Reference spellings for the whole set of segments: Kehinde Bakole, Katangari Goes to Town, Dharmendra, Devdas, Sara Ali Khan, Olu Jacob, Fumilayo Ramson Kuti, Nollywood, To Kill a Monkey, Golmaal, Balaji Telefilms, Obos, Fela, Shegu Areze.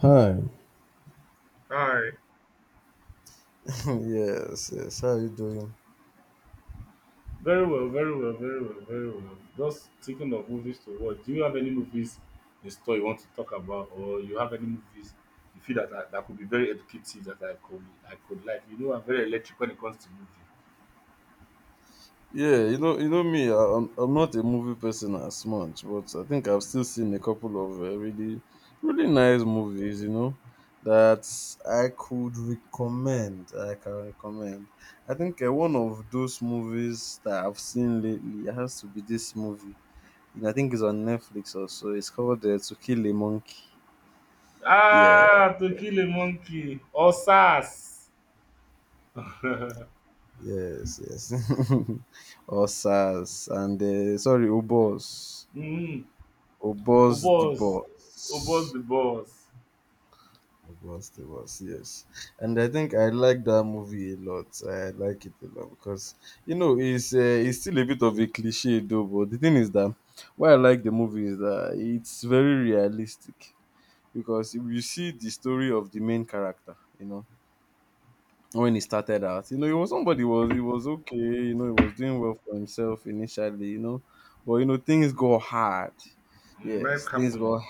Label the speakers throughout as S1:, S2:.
S1: Hi.
S2: Alright.
S1: Yes, yes. How are you doing?
S2: Very well, very well, very well, very well. Just thinking of movies to watch. Do you have any movies in store you want to talk about, or you have any movies you feel that could be very educative that I could like? You know, I'm very electric when it comes to movie.
S1: Yeah, you know me. I'm not a movie person as much, but I think I've still seen a couple of really, really nice movies. You know, that I could recommend. I can recommend. I think one of those movies that I've seen lately has to be this movie. You know, I think it's on Netflix also. It's called To Kill a Monkey. Yeah,
S2: Ah, To Kill a Monkey or SARS.
S1: yes, yes. Osas and sorry, Obos.
S2: Mm-hmm.
S1: Obos the
S2: Obos, Obos
S1: boss.
S2: the boss.
S1: Obos the boss, yes. And I think I like that movie a lot. I like it a lot because you know it's still a bit of a cliche though, but the thing is that why I like the movie is that it's very realistic, because you see the story of the main character, you know, when he started out. You know, he was somebody who was he was okay. You know, he was doing well for himself initially. You know, but you know, things go hard. Yes,
S2: Life
S1: things
S2: happened.
S1: go.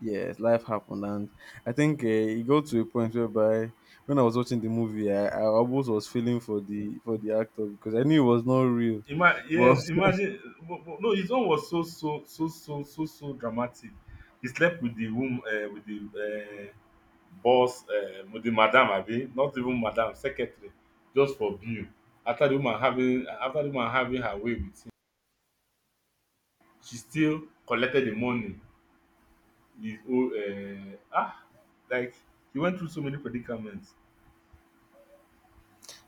S1: Yes, life happened, and I think it got to a point whereby when I was watching the movie, I almost was feeling for the actor because I knew it was not real.
S2: Ima
S1: Well,
S2: Yes, imagine, but no, his own was so so so so so so dramatic. He slept with the wom with the boss with the madam abi, not even madam, secretary just for bill. After the woman having her way with him, she still collected the money, his own ah! Like he went through so many predicaments.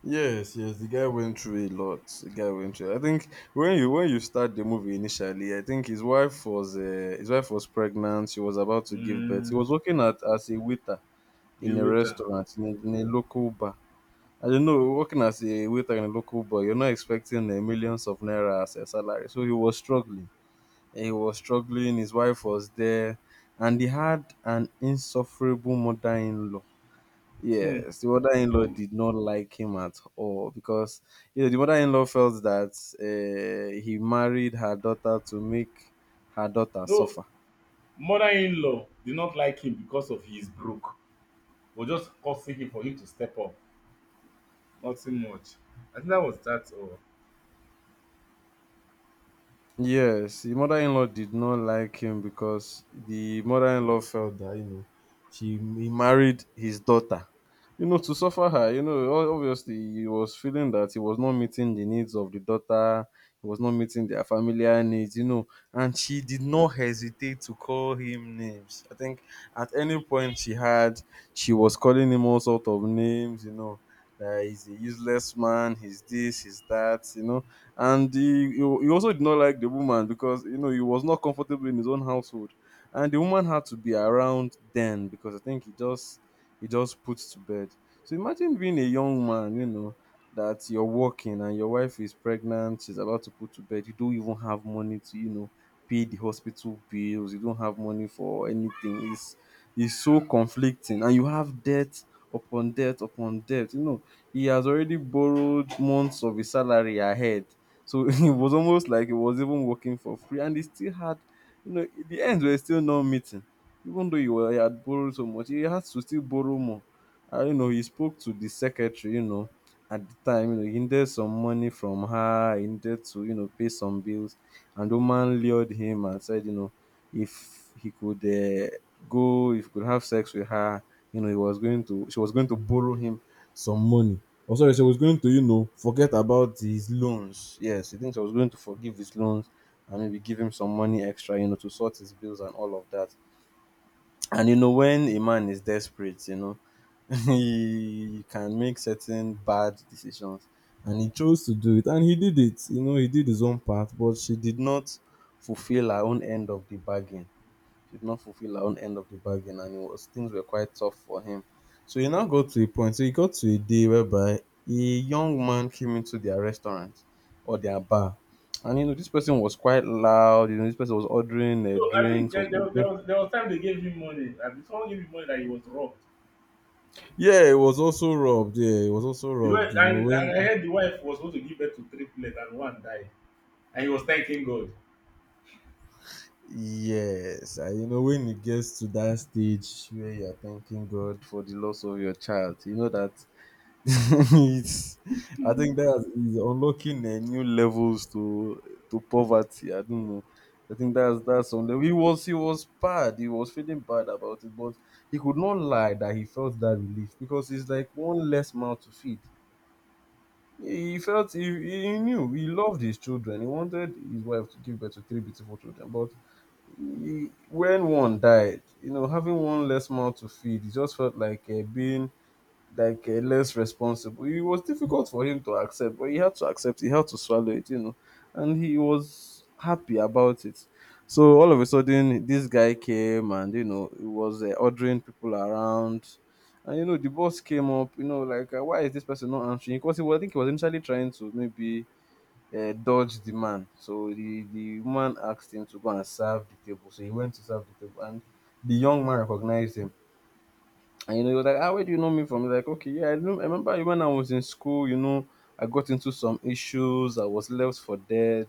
S1: yes, yes, the guy went through a lot. The guy went through. I think when you start the movie initially, I think his wife was pregnant. She was about to give birth. He was
S2: Hmm,
S1: working at as a waiter
S2: he
S1: in a
S2: wait am.
S1: restaurant, in a local bar. I don't know, working as a waiter in a local bar, you're not expecting millions of naira as a salary. So he was struggling. He was struggling. His wife was there, and he had an insufferable mother-in-law.
S2: Hmm,
S1: Yes, the mother-in-law did not like him at all, because you know the mother-in-law felt that he married her daughter to make her daughter
S2: no,
S1: suffer.
S2: mother-in-law did not like him because of he is broke. We're just hustling him for him to step up. Nothing much. I think that was that all.
S1: Yes, the mother-in-law did not like him because the mother-in-law felt that, you know, she he married his daughter, you know, to suffer her. You know, obviously he was feeling that he was not meeting the needs of the daughter. He was not meeting their familiar needs. You know, and she did not hesitate to call him names. I think at any point she was calling him all sort of names. You know, that he's a useless man. He's this. He's that. You know, and he also did not like the woman, because you know he was not comfortable in his own household, and the woman had to be around then because I think he just puts to bed. So imagine being a young man, you know, that you're working and your wife is pregnant. She's about to put to bed. You don't even have money to, you know, pay the hospital bills. You don't have money for anything. It's so conflicting, and you have debt upon debt upon debt. You know, he has already borrowed months of his salary ahead. So it was almost like it was even working for free, and they still had, you know, in the end we were still not meeting, even though he had borrowed so much. He had to still borrow more. I You know, he spoke to the secretary, you know, at the time. You know, he needed some money from her. He needed to, you know, pay some bills, and the woman lured him and said, you know, if he could if he could have sex with her, you know, he was going to, she was going to borrow him some money. Oh, sorry, so I was going to, you know, forget about his loans. Yes, he thinks I was going to forgive his loans and maybe give him some money extra, you know, to sort his bills and all of that. And you know, when a man is desperate, you know, he can make certain bad decisions. And he chose to do it. And he did it. You know, he did his own part, but she did not fulfill her own end of the bargain, did not fulfill her own end of the bargain and it was things were quite tough for him. So he now got to a point. So he got to a day whereby a young man came into their restaurant or their bar. And you know, this person was quite loud. You know, this person was ordering
S2: No, I think
S1: drinks, was
S2: there, there,
S1: ordering.
S2: there was there was time they gave him money. I mean, someone gave him money that he was robbed.
S1: Yeah, it was also robbed. Yeah, it was also
S2: He
S1: robbed.
S2: went,
S1: You know,
S2: and I
S1: when,
S2: heard the wife was supposed to give birth to three triplets and one died. And he was thanking God.
S1: yes, and you know, when it gets to that stage where you're thanking God for the loss of your child, you know that it's, I think that is unlocking new levels to poverty. I don't know. I think that's something. He was bad. He was feeling bad about it, but he could not lie that he felt that relief because it's like one less mouth to feed. He felt he knew he loved his children. He wanted his wife to give birth to three beautiful children, but when one died, you know, having one less mouth to feed, he just felt like being like less responsible. It was difficult for him to accept, but he had to accept. He had to swallow it, you know, and he was happy about it. So all of a sudden, this guy came, and you know, he was ordering people around, and you know, the boss came up, you know, like why is this person not answering? Because I think he was initially trying to maybe. Dodge the man. So the woman asked him to go and serve the table, so he went to serve the table, and the young man recognized him. And you know, he was like, ah, where do you know me from? He's like, okay, yeah, I know. I remember when I was in school, you know, I got into some issues. I was left for dead.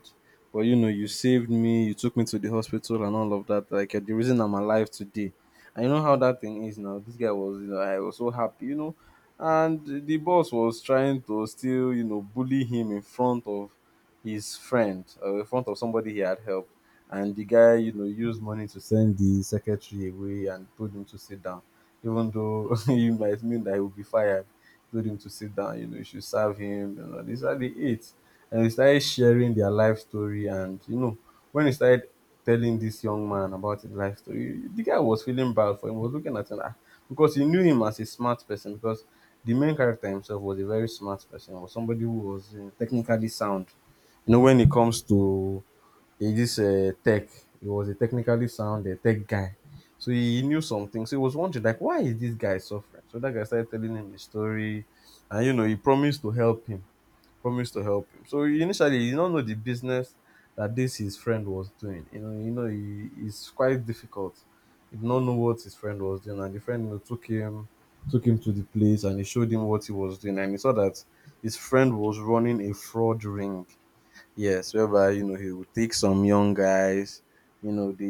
S1: But, you know, you saved me. You took me to the hospital and all of that. Like, you're the reason I'm alive today. And you know how that thing is now. This guy was, you know, I was so happy, you know. And the boss was trying to still, you know, bully him in front of his friend, in front of somebody he had helped. And the guy, you know, used money to send the secretary away and told him to sit down, even though it might mean that he will be fired. Told him to sit down. You know, you should serve him. You know, these are the eight. And they started sharing their life story. And, you know, when he started telling this young man about his life story, the guy was feeling bad for him, was looking at him, ah, because he knew him as a smart person. Because the main character himself was a very smart person, or somebody who was technically sound, you know, when it comes to, in this tech. He was a technically sound tech guy. So he knew something. So he was wondering, like, why is this guy suffering? So that guy started telling him his story. And, you know, he promised to help him. Promised to help him. So initially, he did not know the business that this his friend was doing. It's quite difficult. He did not know what his friend was doing. And the friend, you know, took him, to the place, and he showed him what he was doing. And he saw that his friend was running a fraud ring. Yes, whereby, you know, he would take some young guys, you know, they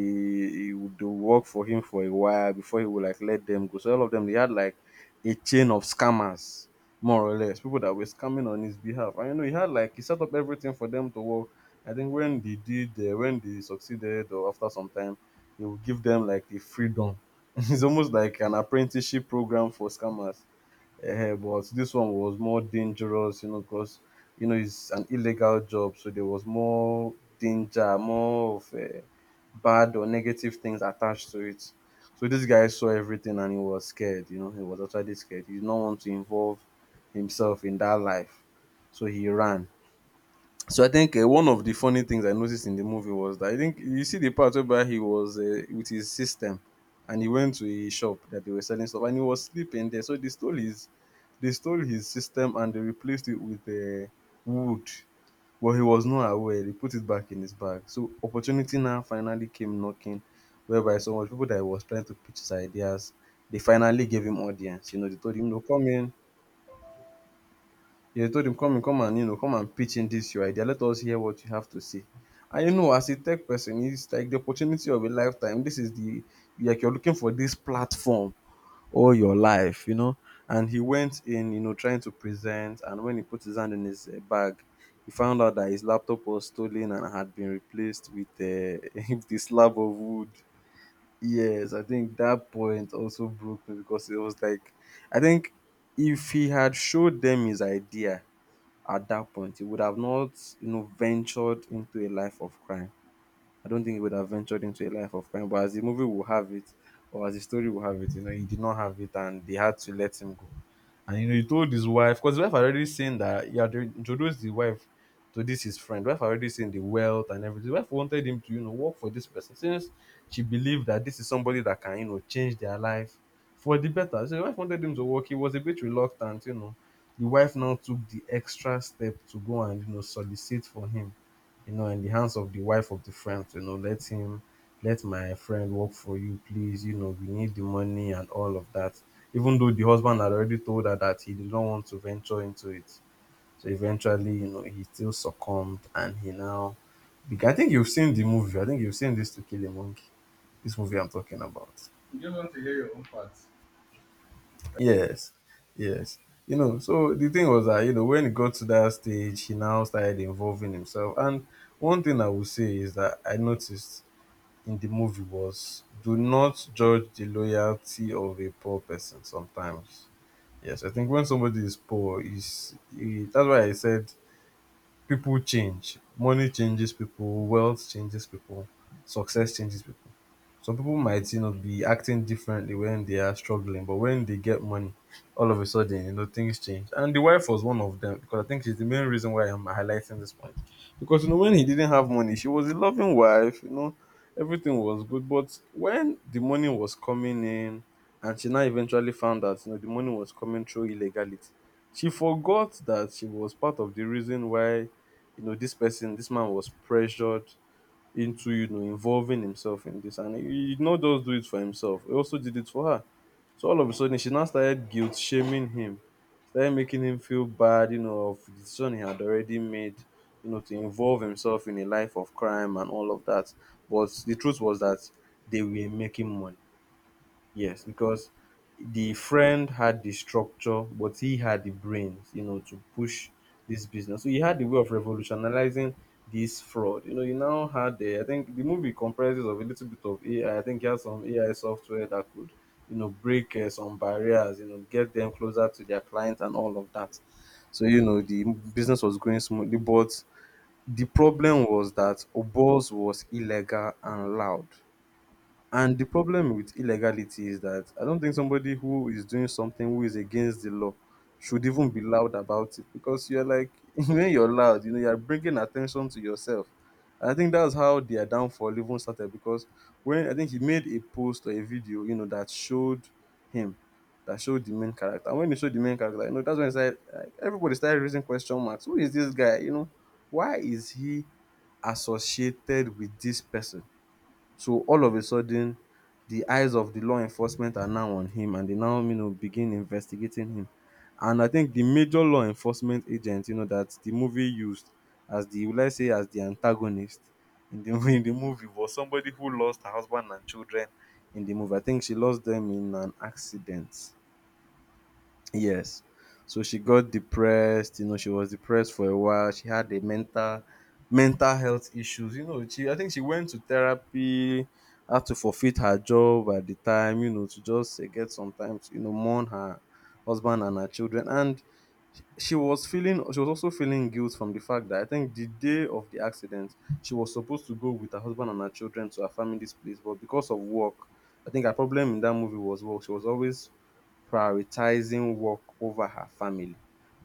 S1: he would do work for him for a while before he would like let them go. So all of them, they had like a chain of scammers, more or less, people that were scamming on his behalf. And you know he had, like, he set up everything for them to work. I think when when they succeeded, or after some time, he would give them like the freedom. It's almost like an apprenticeship program for scammers, but this one was more dangerous, you know, because you know it's an illegal job, so there was more danger, more of bad or negative things attached to it. So this guy saw everything and he was scared. You know, he was actually scared. He did not want to involve himself in that life, so he ran. So I think one of the funny things I noticed in the movie was that I think you see the part where he was with his system, and he went to a shop that they were selling stuff, and he was sleeping there. So they stole his system and they replaced it with wood. Well, he was not aware. They put it back in his bag. So opportunity now finally came knocking, whereby so much people that he was trying to pitch his ideas, they finally gave him audience. You know, they told him, "No, come in, they told him "Come in, come and pitch in this your idea. Let us hear what you have to say." And as a tech person, it's like the opportunity of a lifetime. This is the Like you're looking for this platform all your life. And he went in, trying to present. And when he put his hand in his bag, he found out that his laptop was stolen and had been replaced with with a slab of wood. Yes, I think that point also broke me because it was like, I think if he had showed them his idea, at that point, he would have not, ventured into a life of crime. I don't think he would have ventured into a life of crime. But as the movie will have it, or as the story will have it, he did not have it and they had to let him go. And he told his wife, because his wife had already seen that he had introduced the wife to this his friend. Wife had already seen the wealth and everything. Wife wanted him to work for this person since she believed that this is somebody that can change their life for the better. So the wife wanted him to work. He was a bit reluctant. The wife now took the extra step to go and solicit for him, in the hands of the wife of the friend, let my friend work for you, please, we need the money and all of that. Even though the husband had already told her that he did not want to venture into it. So eventually, he still succumbed and he now. I think you've seen the movie. I think you've seen this To Kill a Monkey, this movie I'm talking about.
S2: You just want to hear your own part.
S1: Yes, yes. You know, so the thing was that, when he got to that stage, he now started involving himself. And one thing I would say is that I noticed in the movie was do not judge the loyalty of a poor person sometimes. Yes, I think when somebody is poor, is that's why I said people change. Money changes people, wealth changes people, success changes people. Some people might be acting differently when they are struggling, but when they get money, all of a sudden, things change. And the wife was one of them because I think she's the main reason why I'm highlighting this point. Because when he didn't have money, she was a loving wife, everything was good. But when the money was coming in, and she now eventually found out, the money was coming through illegality, she forgot that she was part of the reason why this man was pressured into, involving himself in this. And he did not just do it for himself, he also did it for her. So all of a sudden, she now started guilt shaming him, started making him feel bad, of the decision he had already made, to involve himself in a life of crime and all of that. But the truth was that they were making money. Yes, because the friend had the structure, but he had the brains, to push this business. So he had the way of revolutionizing this fraud. You know, you now had the, I think the movie comprises of a little bit of AI. I think he had some AI software that could, break some barriers, get them closer to their clients and all of that. So, the business was growing smoothly, but the problem was that Obos was illegal and loud. And the problem with illegality is that I don't think somebody who is doing something who is against the law should even be loud about it because you're like, when you're loud, you're bringing attention to yourself. And I think that's how their downfall even started because when I think he made a post or a video, him, that showed the main character. And when he showed the main character, that's when it's like everybody started raising question marks. Who is this guy? Why is he associated with this person? So all of a sudden the eyes of the law enforcement are now on him and they now begin investigating him. And I think the major law enforcement agent that the movie used as the will I say as the antagonist in the in the movie was somebody who lost her husband and children in the movie. I think she lost them in an accident. Yes. So she got depressed, she was depressed for a while. She had a mental health issues. You know, she I think she went to therapy, had to forfeit her job at the time, to just get sometimes, mourn her husband and her children. And she was also feeling guilt from the fact that I think the day of the accident, she was supposed to go with her husband and her children to her family's place, but because of work, I think her problem in that movie was work. She was always prioritizing work over her family.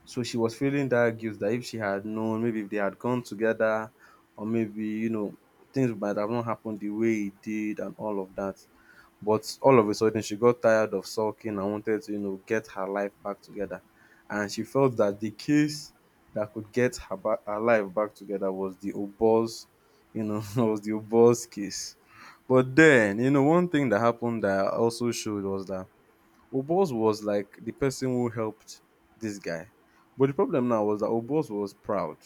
S1: So she was feeling that guilt that if she had known, maybe if they had gone together, or maybe, things might have not happened the way it did and all of that. But all of a sudden, she got tired of sulking and wanted to, get her life back together. And she felt that the case that could her life back together was the Oboz, was the Oboz case. But then, one thing that happened that also showed was that Obos was like the person who helped this guy. But the problem now was that Obos was proud.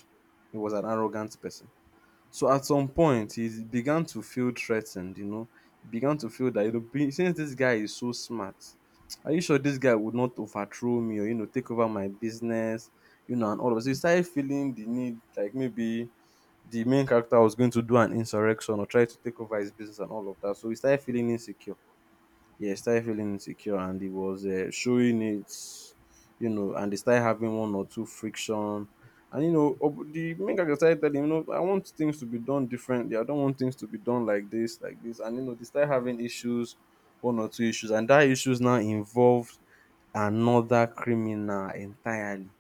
S1: He was an arrogant person. So at some point, he began to feel threatened, began to feel that since this guy is so smart, are you sure this guy would not overthrow me or take over my business, and all of us. So he started feeling the need, like maybe the main character was going to do an insurrection or try to take over his business and all of that. So he started feeling insecure, yeah, he started feeling insecure and he was showing it, and they started having one or two friction. And the main character started telling him, I want things to be done differently. I don't want things to be done like this, like this. And they started having issues, one or two issues, and that issues now involved another criminal entirely.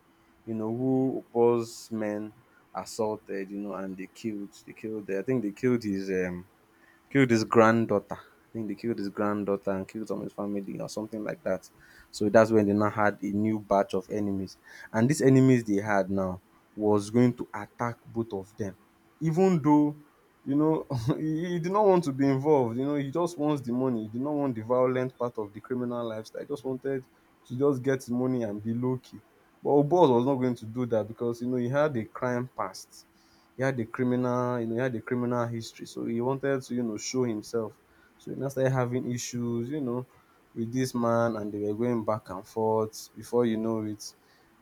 S1: You know, who boss men assaulted, and they killed. They killed. I think they killed his granddaughter. I think they killed his granddaughter and killed some of his family or something like that. So that's when they now had a new batch of enemies. And these enemies they had now was going to attack both of them. Even though, you know, he did not want to be involved. You know, he just wants the money. He did not want the violent part of the criminal lifestyle. He just wanted to just get his money and be low key. But Obos was not going to do that because, he had a criminal history, so he wanted to, show himself. So he now started having issues, with this man, and they were going back and forth. Before you know it,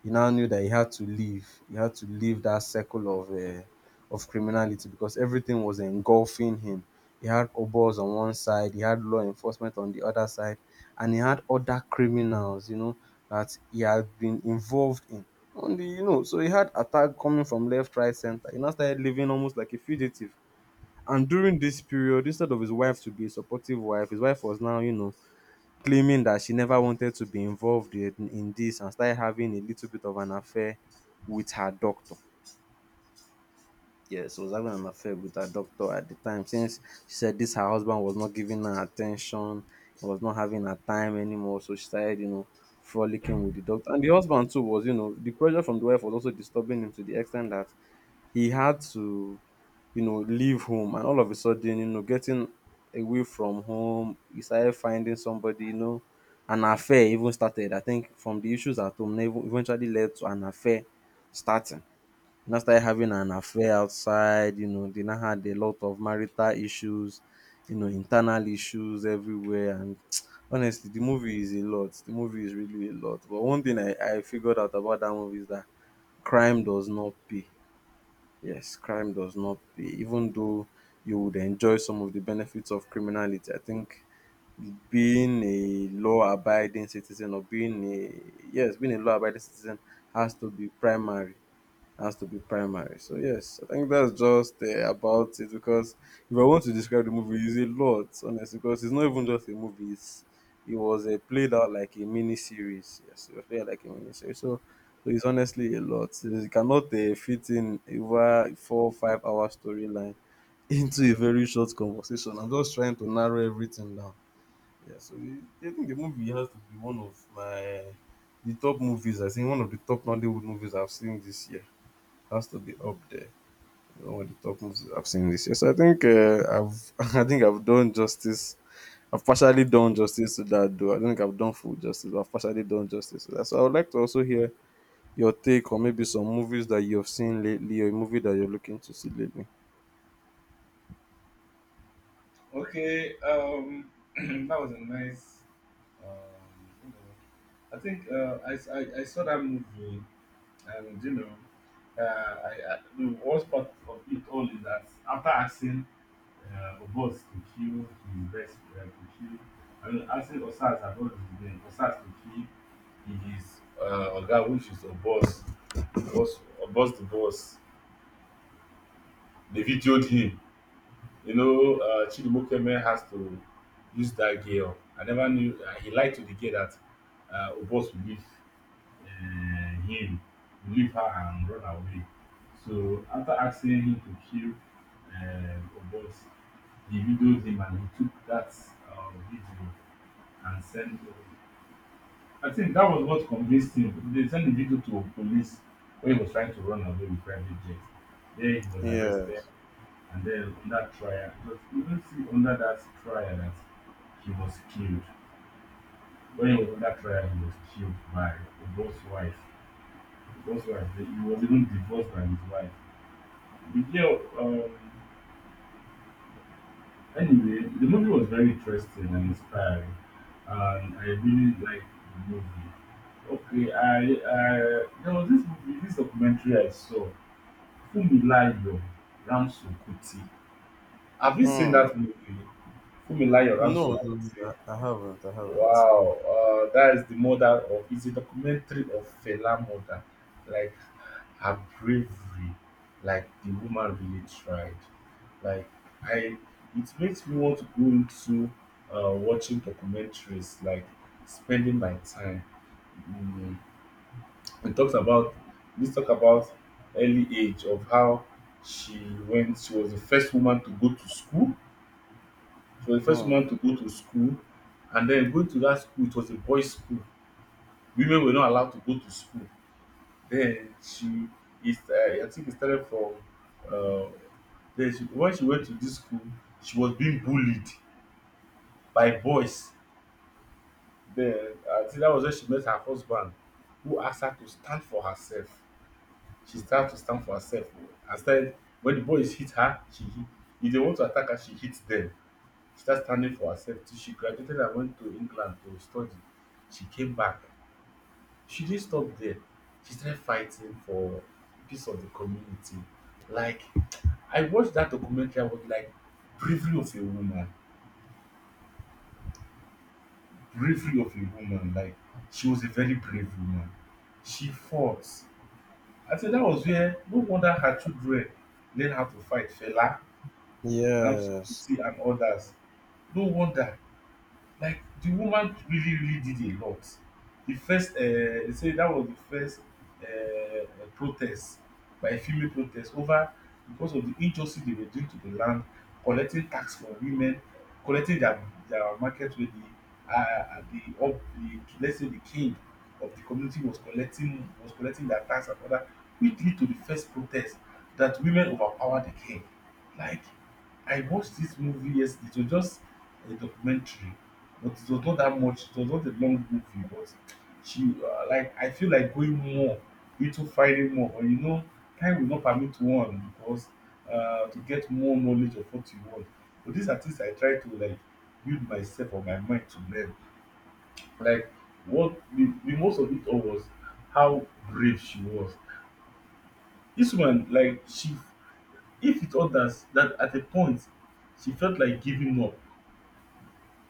S1: he now knew that he had to leave. He had to leave that circle of of criminality because everything was engulfing him. He had Obos on one side, he had law enforcement on the other side, and he had other criminals, that he had been involved in on the you know, so he had attack coming from left, right, center. He now started living almost like a fugitive. And during this period, instead of his wife to be a supportive wife, his wife was now, claiming that she never wanted to be involved in this and started having a little bit of an affair with her doctor. Yes, she was having an affair with her doctor at the time since she said this her husband was not giving her attention, he was not having her time anymore. So she started, frolicking with the doctor. And the husband too the pressure from the wife was also disturbing him to the extent that he had to, leave home and all of a sudden, getting away from home, he started finding somebody, an affair even started. I think from the issues at home, eventually led to an affair starting. He now started having an affair outside, they now had a lot of marital issues, internal issues everywhere. And honestly, the movie is a lot. The movie is really a lot. But one thing I figured out about that movie is that crime does not pay. Yes, crime does not pay. Even though you would enjoy some of the benefits of criminality, I think being a law abiding citizen or being a yes, being a law abiding citizen has to be primary has to be primary. So yes, I think that's just about it because if I want to describe the movie, it's a lot, honestly, because it's not even just a movie. It was played out like a mini series. Yes, it was played out like a mini series. So it's honestly a lot. You cannot fit in over 4, 5 hour storyline into a very short conversation. I'm just trying to narrow everything down. I think the movie has to be one of my the top movies. I think one of the top Nollywood movies I've seen this year has to be up there. With the top movies I've seen this year. So I think I've I think I've done justice. I've partially done justice to that though. I don't think I've done full justice, but I've partially done justice to that. So I would like to also hear your take on maybe some movies that you have seen lately or a movie that you're looking to see lately.
S2: Okay, that was a nice um I think I saw that movie and uh, I, the worst part of it all is that after asking Obos to kill his best, uh, to kill, I mean, asking Osas about his name, Osas to kill his Oga, which is Obos, Obos, Obos the boss. They videoed him. You know, Chidimokeme has to use that girl. I never knew, he lied to the girl that Obos will leave uh, him, leave her and run away. So after asking him to kill Obos, he videoed him and he took that video and sent. I think that was what convinced him. They sent the video to police when he was trying to run away with private jet. There he was arrested,
S1: Yes.
S2: and then on that trial, because you don't see under that trial that he was killed. When he was on that trial, he was killed by Obos' wife. That's right. He was even divorced by his wife. But yeah, anyway, the movie was very interesting and inspiring, and I really liked the movie. Okay, I there was this movie, this documentary I saw, Fumilayo Ramson Kuti. Have you seen
S1: Hmm.
S2: that movie, Fumilayo
S1: No,
S2: Ramson
S1: no,
S2: Kuti?
S1: no, I haven't. I haven't.
S2: Wow, that is the mother of, it's a documentary of Fela mother, like her bravery, like the woman really tried. Like I, it makes me want to go into watching documentaries, like spending my time. Mm, it talks about, this talk about early age of how she went. She was the first woman to go to school. She was the first
S1: Hmm.
S2: woman to go to school, and then going to that school. It was a boys' school. Women were not allowed to go to school. Then she is I think it started from uh, then when she went to this school she was being bullied by boys. Then I think that was when she met her husband who asked her to stand for herself. She started to stand for herself. Instead, when the boys hit her she hit. If they want to attack her she hits them. She started standing for herself till she graduated and went to England to study. She came back. She didn't stop there. She started fighting for piece of the community. Like I watched that documentary, I was like, bravery of a woman, bravery of a woman. Like she was a very brave woman. She fought. I think that was where, no wonder her children learn how to fight, Fela, Ramsey
S1: Yes.
S2: Kuti, and others. No wonder, like the woman really really did a lot. The first, they say that was the first uh, protest, by a female, protest over, because of the injustice they were doing to the land, collecting tax from women, collecting their market wey the, let's say, the king of the community was collecting, was collecting their tax and other, which lead to the first protest, that women overpower the king. Like I watched this movie yesterday. It was just a documentary. But it was not that much, it was not a long movie, but she like I feel like going more into finding more, but you know, time will not permit one because to get more knowledge of what you want. But these are things I try to like build myself or my mind to learn. Like what the most of it all was how brave she was. This woman, if it others that at a point she felt like giving up,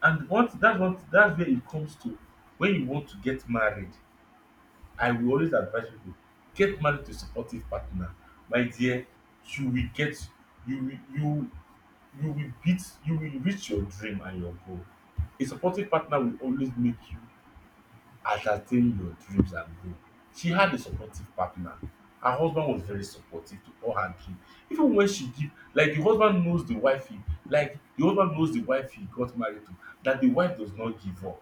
S2: and what that's where it comes to when you want to get married. I will always advise people, get married to a supportive partner. My dear, you will get you will you you will reach your dream and your goal. A supportive partner will always make you ascertain your dreams and goal. She had a supportive partner. Her husband was very supportive to all her dream. Even when she give, like the husband knows the wife he got married to, that the wife does not give up.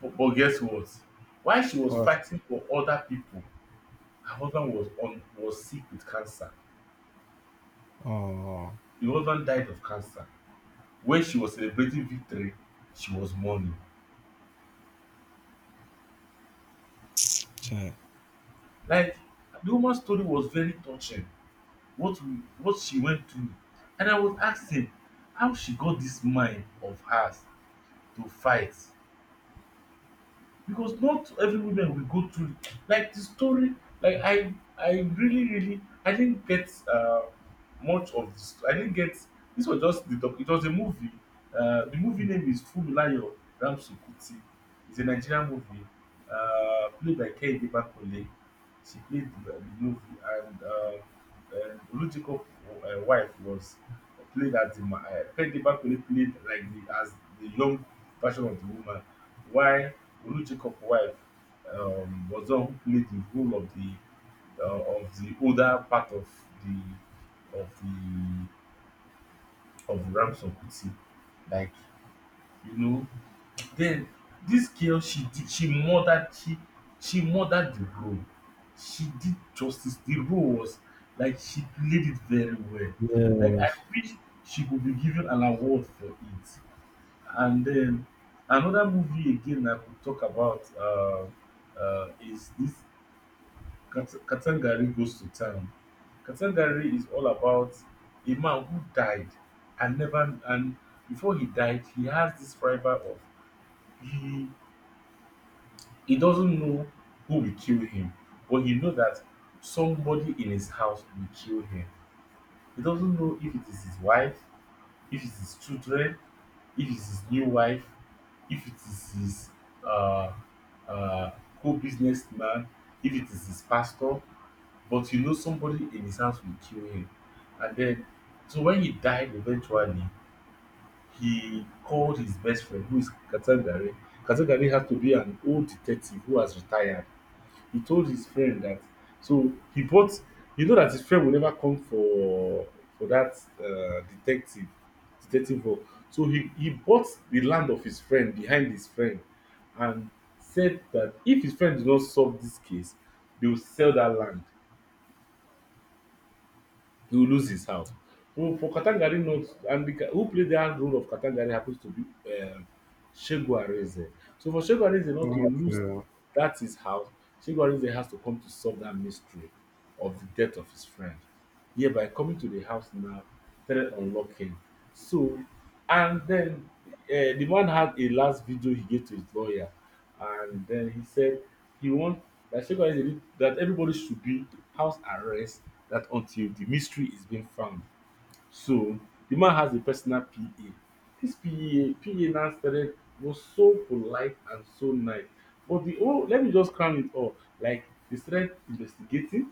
S2: But guess what? While she was
S1: What?
S2: fighting for other people, her husband was on was sick with cancer.
S1: Oh,
S2: The husband died of cancer. When she was celebrating victory, she was mourning.
S1: okay.
S2: Like the woman's story was very touching. What what she went through, and I was asking how she got this mind of hers to fight, because not every woman will go through, like the story. Like I really really I didn't get much of this. I didn't get This was just the doc it was a movie. The movie name is Funmilayo Ramsukuti. It's a Nigerian movie, played by Kehinde Bakole. She played the movie, and Olujiko wife was played as Kehinde Bakole played the young version of the woman, while Olu Jacob's wife was the one who played the role of the older part of the of the of Ramson Kuti. Like you know, then this girl, she did she murdered the role. She did justice. The role was, like, she played it very well. Like I
S1: Yes.
S2: wish she could be given an award for it. And then another movie again I could talk about, is this Katangari Goes to Town. Katangari is all about a man who died, and never and before he died he has this rival of, he he doesn't know who will kill him, but he know that somebody in his house will kill him. He doesn't know if it is his wife, if it's his children, if it's his new wife, if it is his, uh, uh, co-businessman, if it is his pastor, but you know somebody in his house will kill him. And then, so when he died eventually, he called his best friend, who is Katangare. Katangare has to be an old detective who has retired. He told his friend that, so he bought, you know that his friend will never come for that uh, detective detective role. So he bought the land of his friend behind his friend and said that if his friend did not solve this case they will sell that land. He will lose his house. Who for Katangari knows, and who played the hard role of Katangari happens to be, um, Shegu Areze. So for Shegu Areze not to lose
S1: Okay.
S2: that his house, Shegu Areze has to come to solve that mystery of the death of his friend. Yeah, by coming to the house now, started unlocking. So, and then the man had a last video he gave to his lawyer, and then he said he wants that Shegu Ayinde need that everybody should be house arrest, that until the mystery is being found. So the man has a personal PA. This PA now started, was so polite and so nice. But the oh let me just crown it all. Like they started investigating.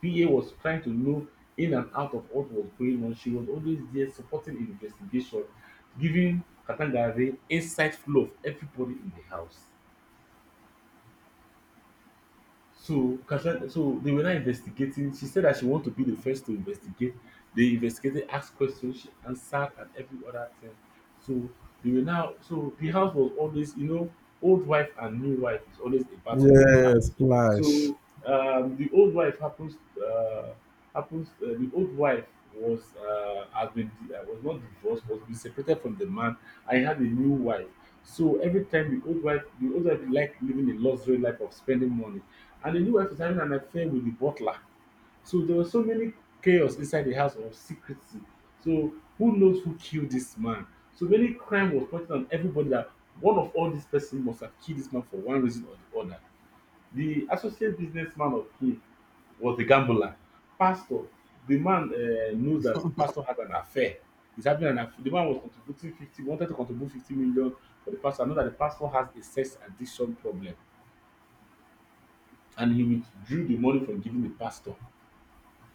S2: PA was trying to know in and out of what was going on. She was always there supporting investigation, giving Katangare inside flow of everybody in the house. So Kasha, so they were now investigating. She said that she wanted to be the first to investigate. They investigated, asked questions, she answered, and every other thing. So they were now. So the house was always, old wife and new wife is always a battle in the house.
S1: Yes, Splash.
S2: So the old wife happens uh, happens. The old wife was not divorced, was been separated from the man. I had a new wife. So every time the old wife liked living a luxury life of spending money. And the new wife is having an affair with the butler. So there was so many chaos inside the house of secrecy. So who knows who killed this man? So many crime was pointed on everybody that one of all these person must have killed this man for one reason or the other. The associate businessman of him was a gambler. Pastor, the man knows that the pastor had an affair. He's having an affair. The man wanted to contribute 50 million for the pastor. I know that the pastor has a sex addiction problem and he withdrew the money from giving the pastor.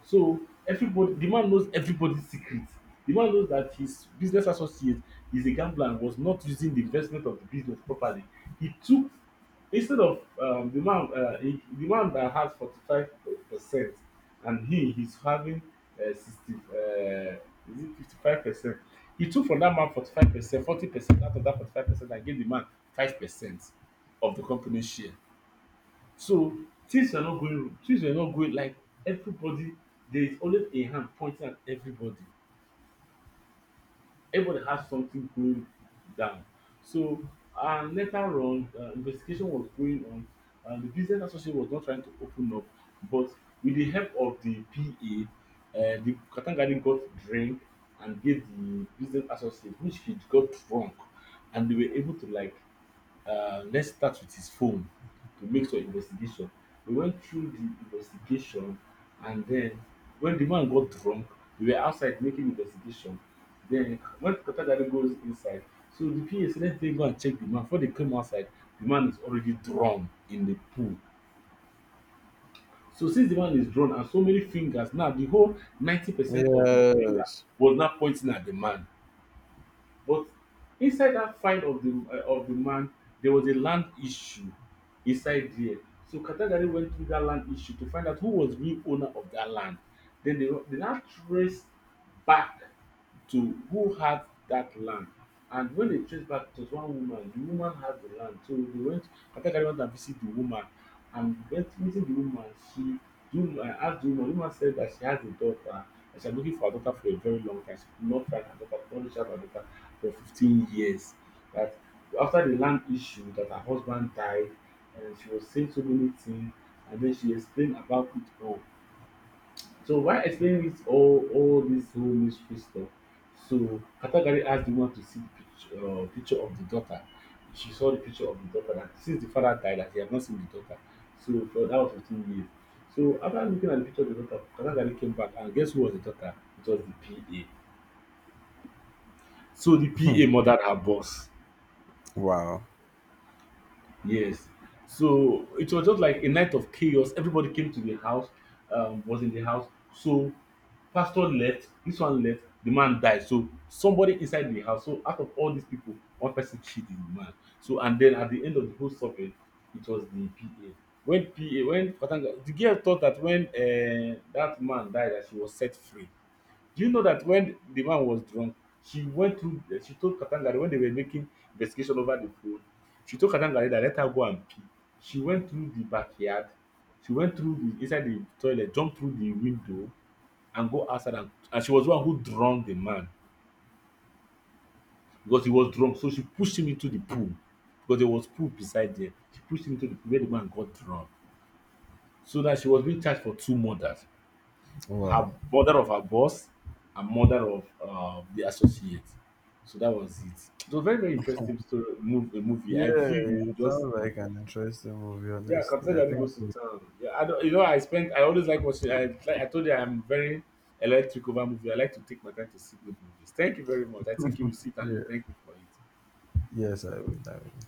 S2: So everybody, the man knows everybody's secret. The man knows that his business associate is a gambler and was not using the investment of the business properly. He took instead of the man, he, the man that has 45%, and he's having uh, sixty, uh, is it 55%? He took from that man 45%, 40% out of that 45%, and gave the man 5% of the company's share. So things are not going like everybody there is always a hand pointing at everybody. Everybody has something going down. So and later on investigation was going on and the business association was not trying to open up but with the help of the PA, the katangari got drink and gave the business associate which he got drunk, and they were able to like, let's start with his phone to make some investigation. We went through the investigation, and then when the man got drunk, we were outside making investigation. Then when Kotadari goes inside, so the PA said, let's then go and check the man. Before they came outside, the man is already drawn in the pool. So since the man is drawn and so many fingers, now the whole 90% of the finger
S1: Yes.
S2: was now pointing at the man. But inside that find of the man, there was a land issue inside there. So Katagari went through that land issue to find out who was real owner of that land. Then they now traced back to who had that land. And when they traced back, it was one woman. The woman had the land. So they went, Katakari went and visit the woman. And went meeting the woman, she the woman, asked the woman said that she has a daughter and she had been looking for her daughter for a very long time. She could not find her daughter, could not reach her daughter for 15 years, that after the land issue that her husband died. And she was saying so many things, and then she explained about it all. So while explaining this all this whole mystery stuff, so Katagari asked the woman to see the picture, picture of the daughter. She saw the picture of the daughter, that since the father died that he had not seen the daughter, so for that was 15 years. So after looking at the picture of the daughter, Katagari came back, and guess who was the daughter? It was the PA. So the PA murdered her boss.
S1: Wow.
S2: Yes. So it was just like a night of chaos. Everybody came to the house, was in the house. So pastor left, this one left, the man died. So somebody inside the house. So out of all these people, one person killed the man. So and then at the end of the whole suffering, it was the PA. When PA, when Katanga, the girl thought that when that man died, that she was set free. Do you know that when the man was drunk, she told Katangare, when they were making investigation over the phone, she told Katangare that let her go and pee. She went through the backyard, she went through the inside the toilet, jumped through the window, and go outside. And she was the one who drowned the man, because he was drunk. So she pushed him into the pool, because there was pool beside there. She pushed him into the pool where the man got drowned. So that she was being charged for two murders:
S1: Wow.
S2: her mother of her boss, and mother of the associate. So that was it. It was very very interesting story, move a movie. I
S1: Yeah,
S2: feel you should
S1: it
S2: just
S1: sounds
S2: see it.
S1: like an interesting movie,
S2: Yeah.
S1: honestly.
S2: Captain
S1: I
S2: Gani
S1: think,
S2: goes to town. Yeah, I don't, you know, I always like watching. I like, I told you I'm very electric over movie. I like to take my time to see good movies. Thank you very much. I think you will sit and you
S1: yeah,
S2: thank me for it.
S1: yes, I would. I would.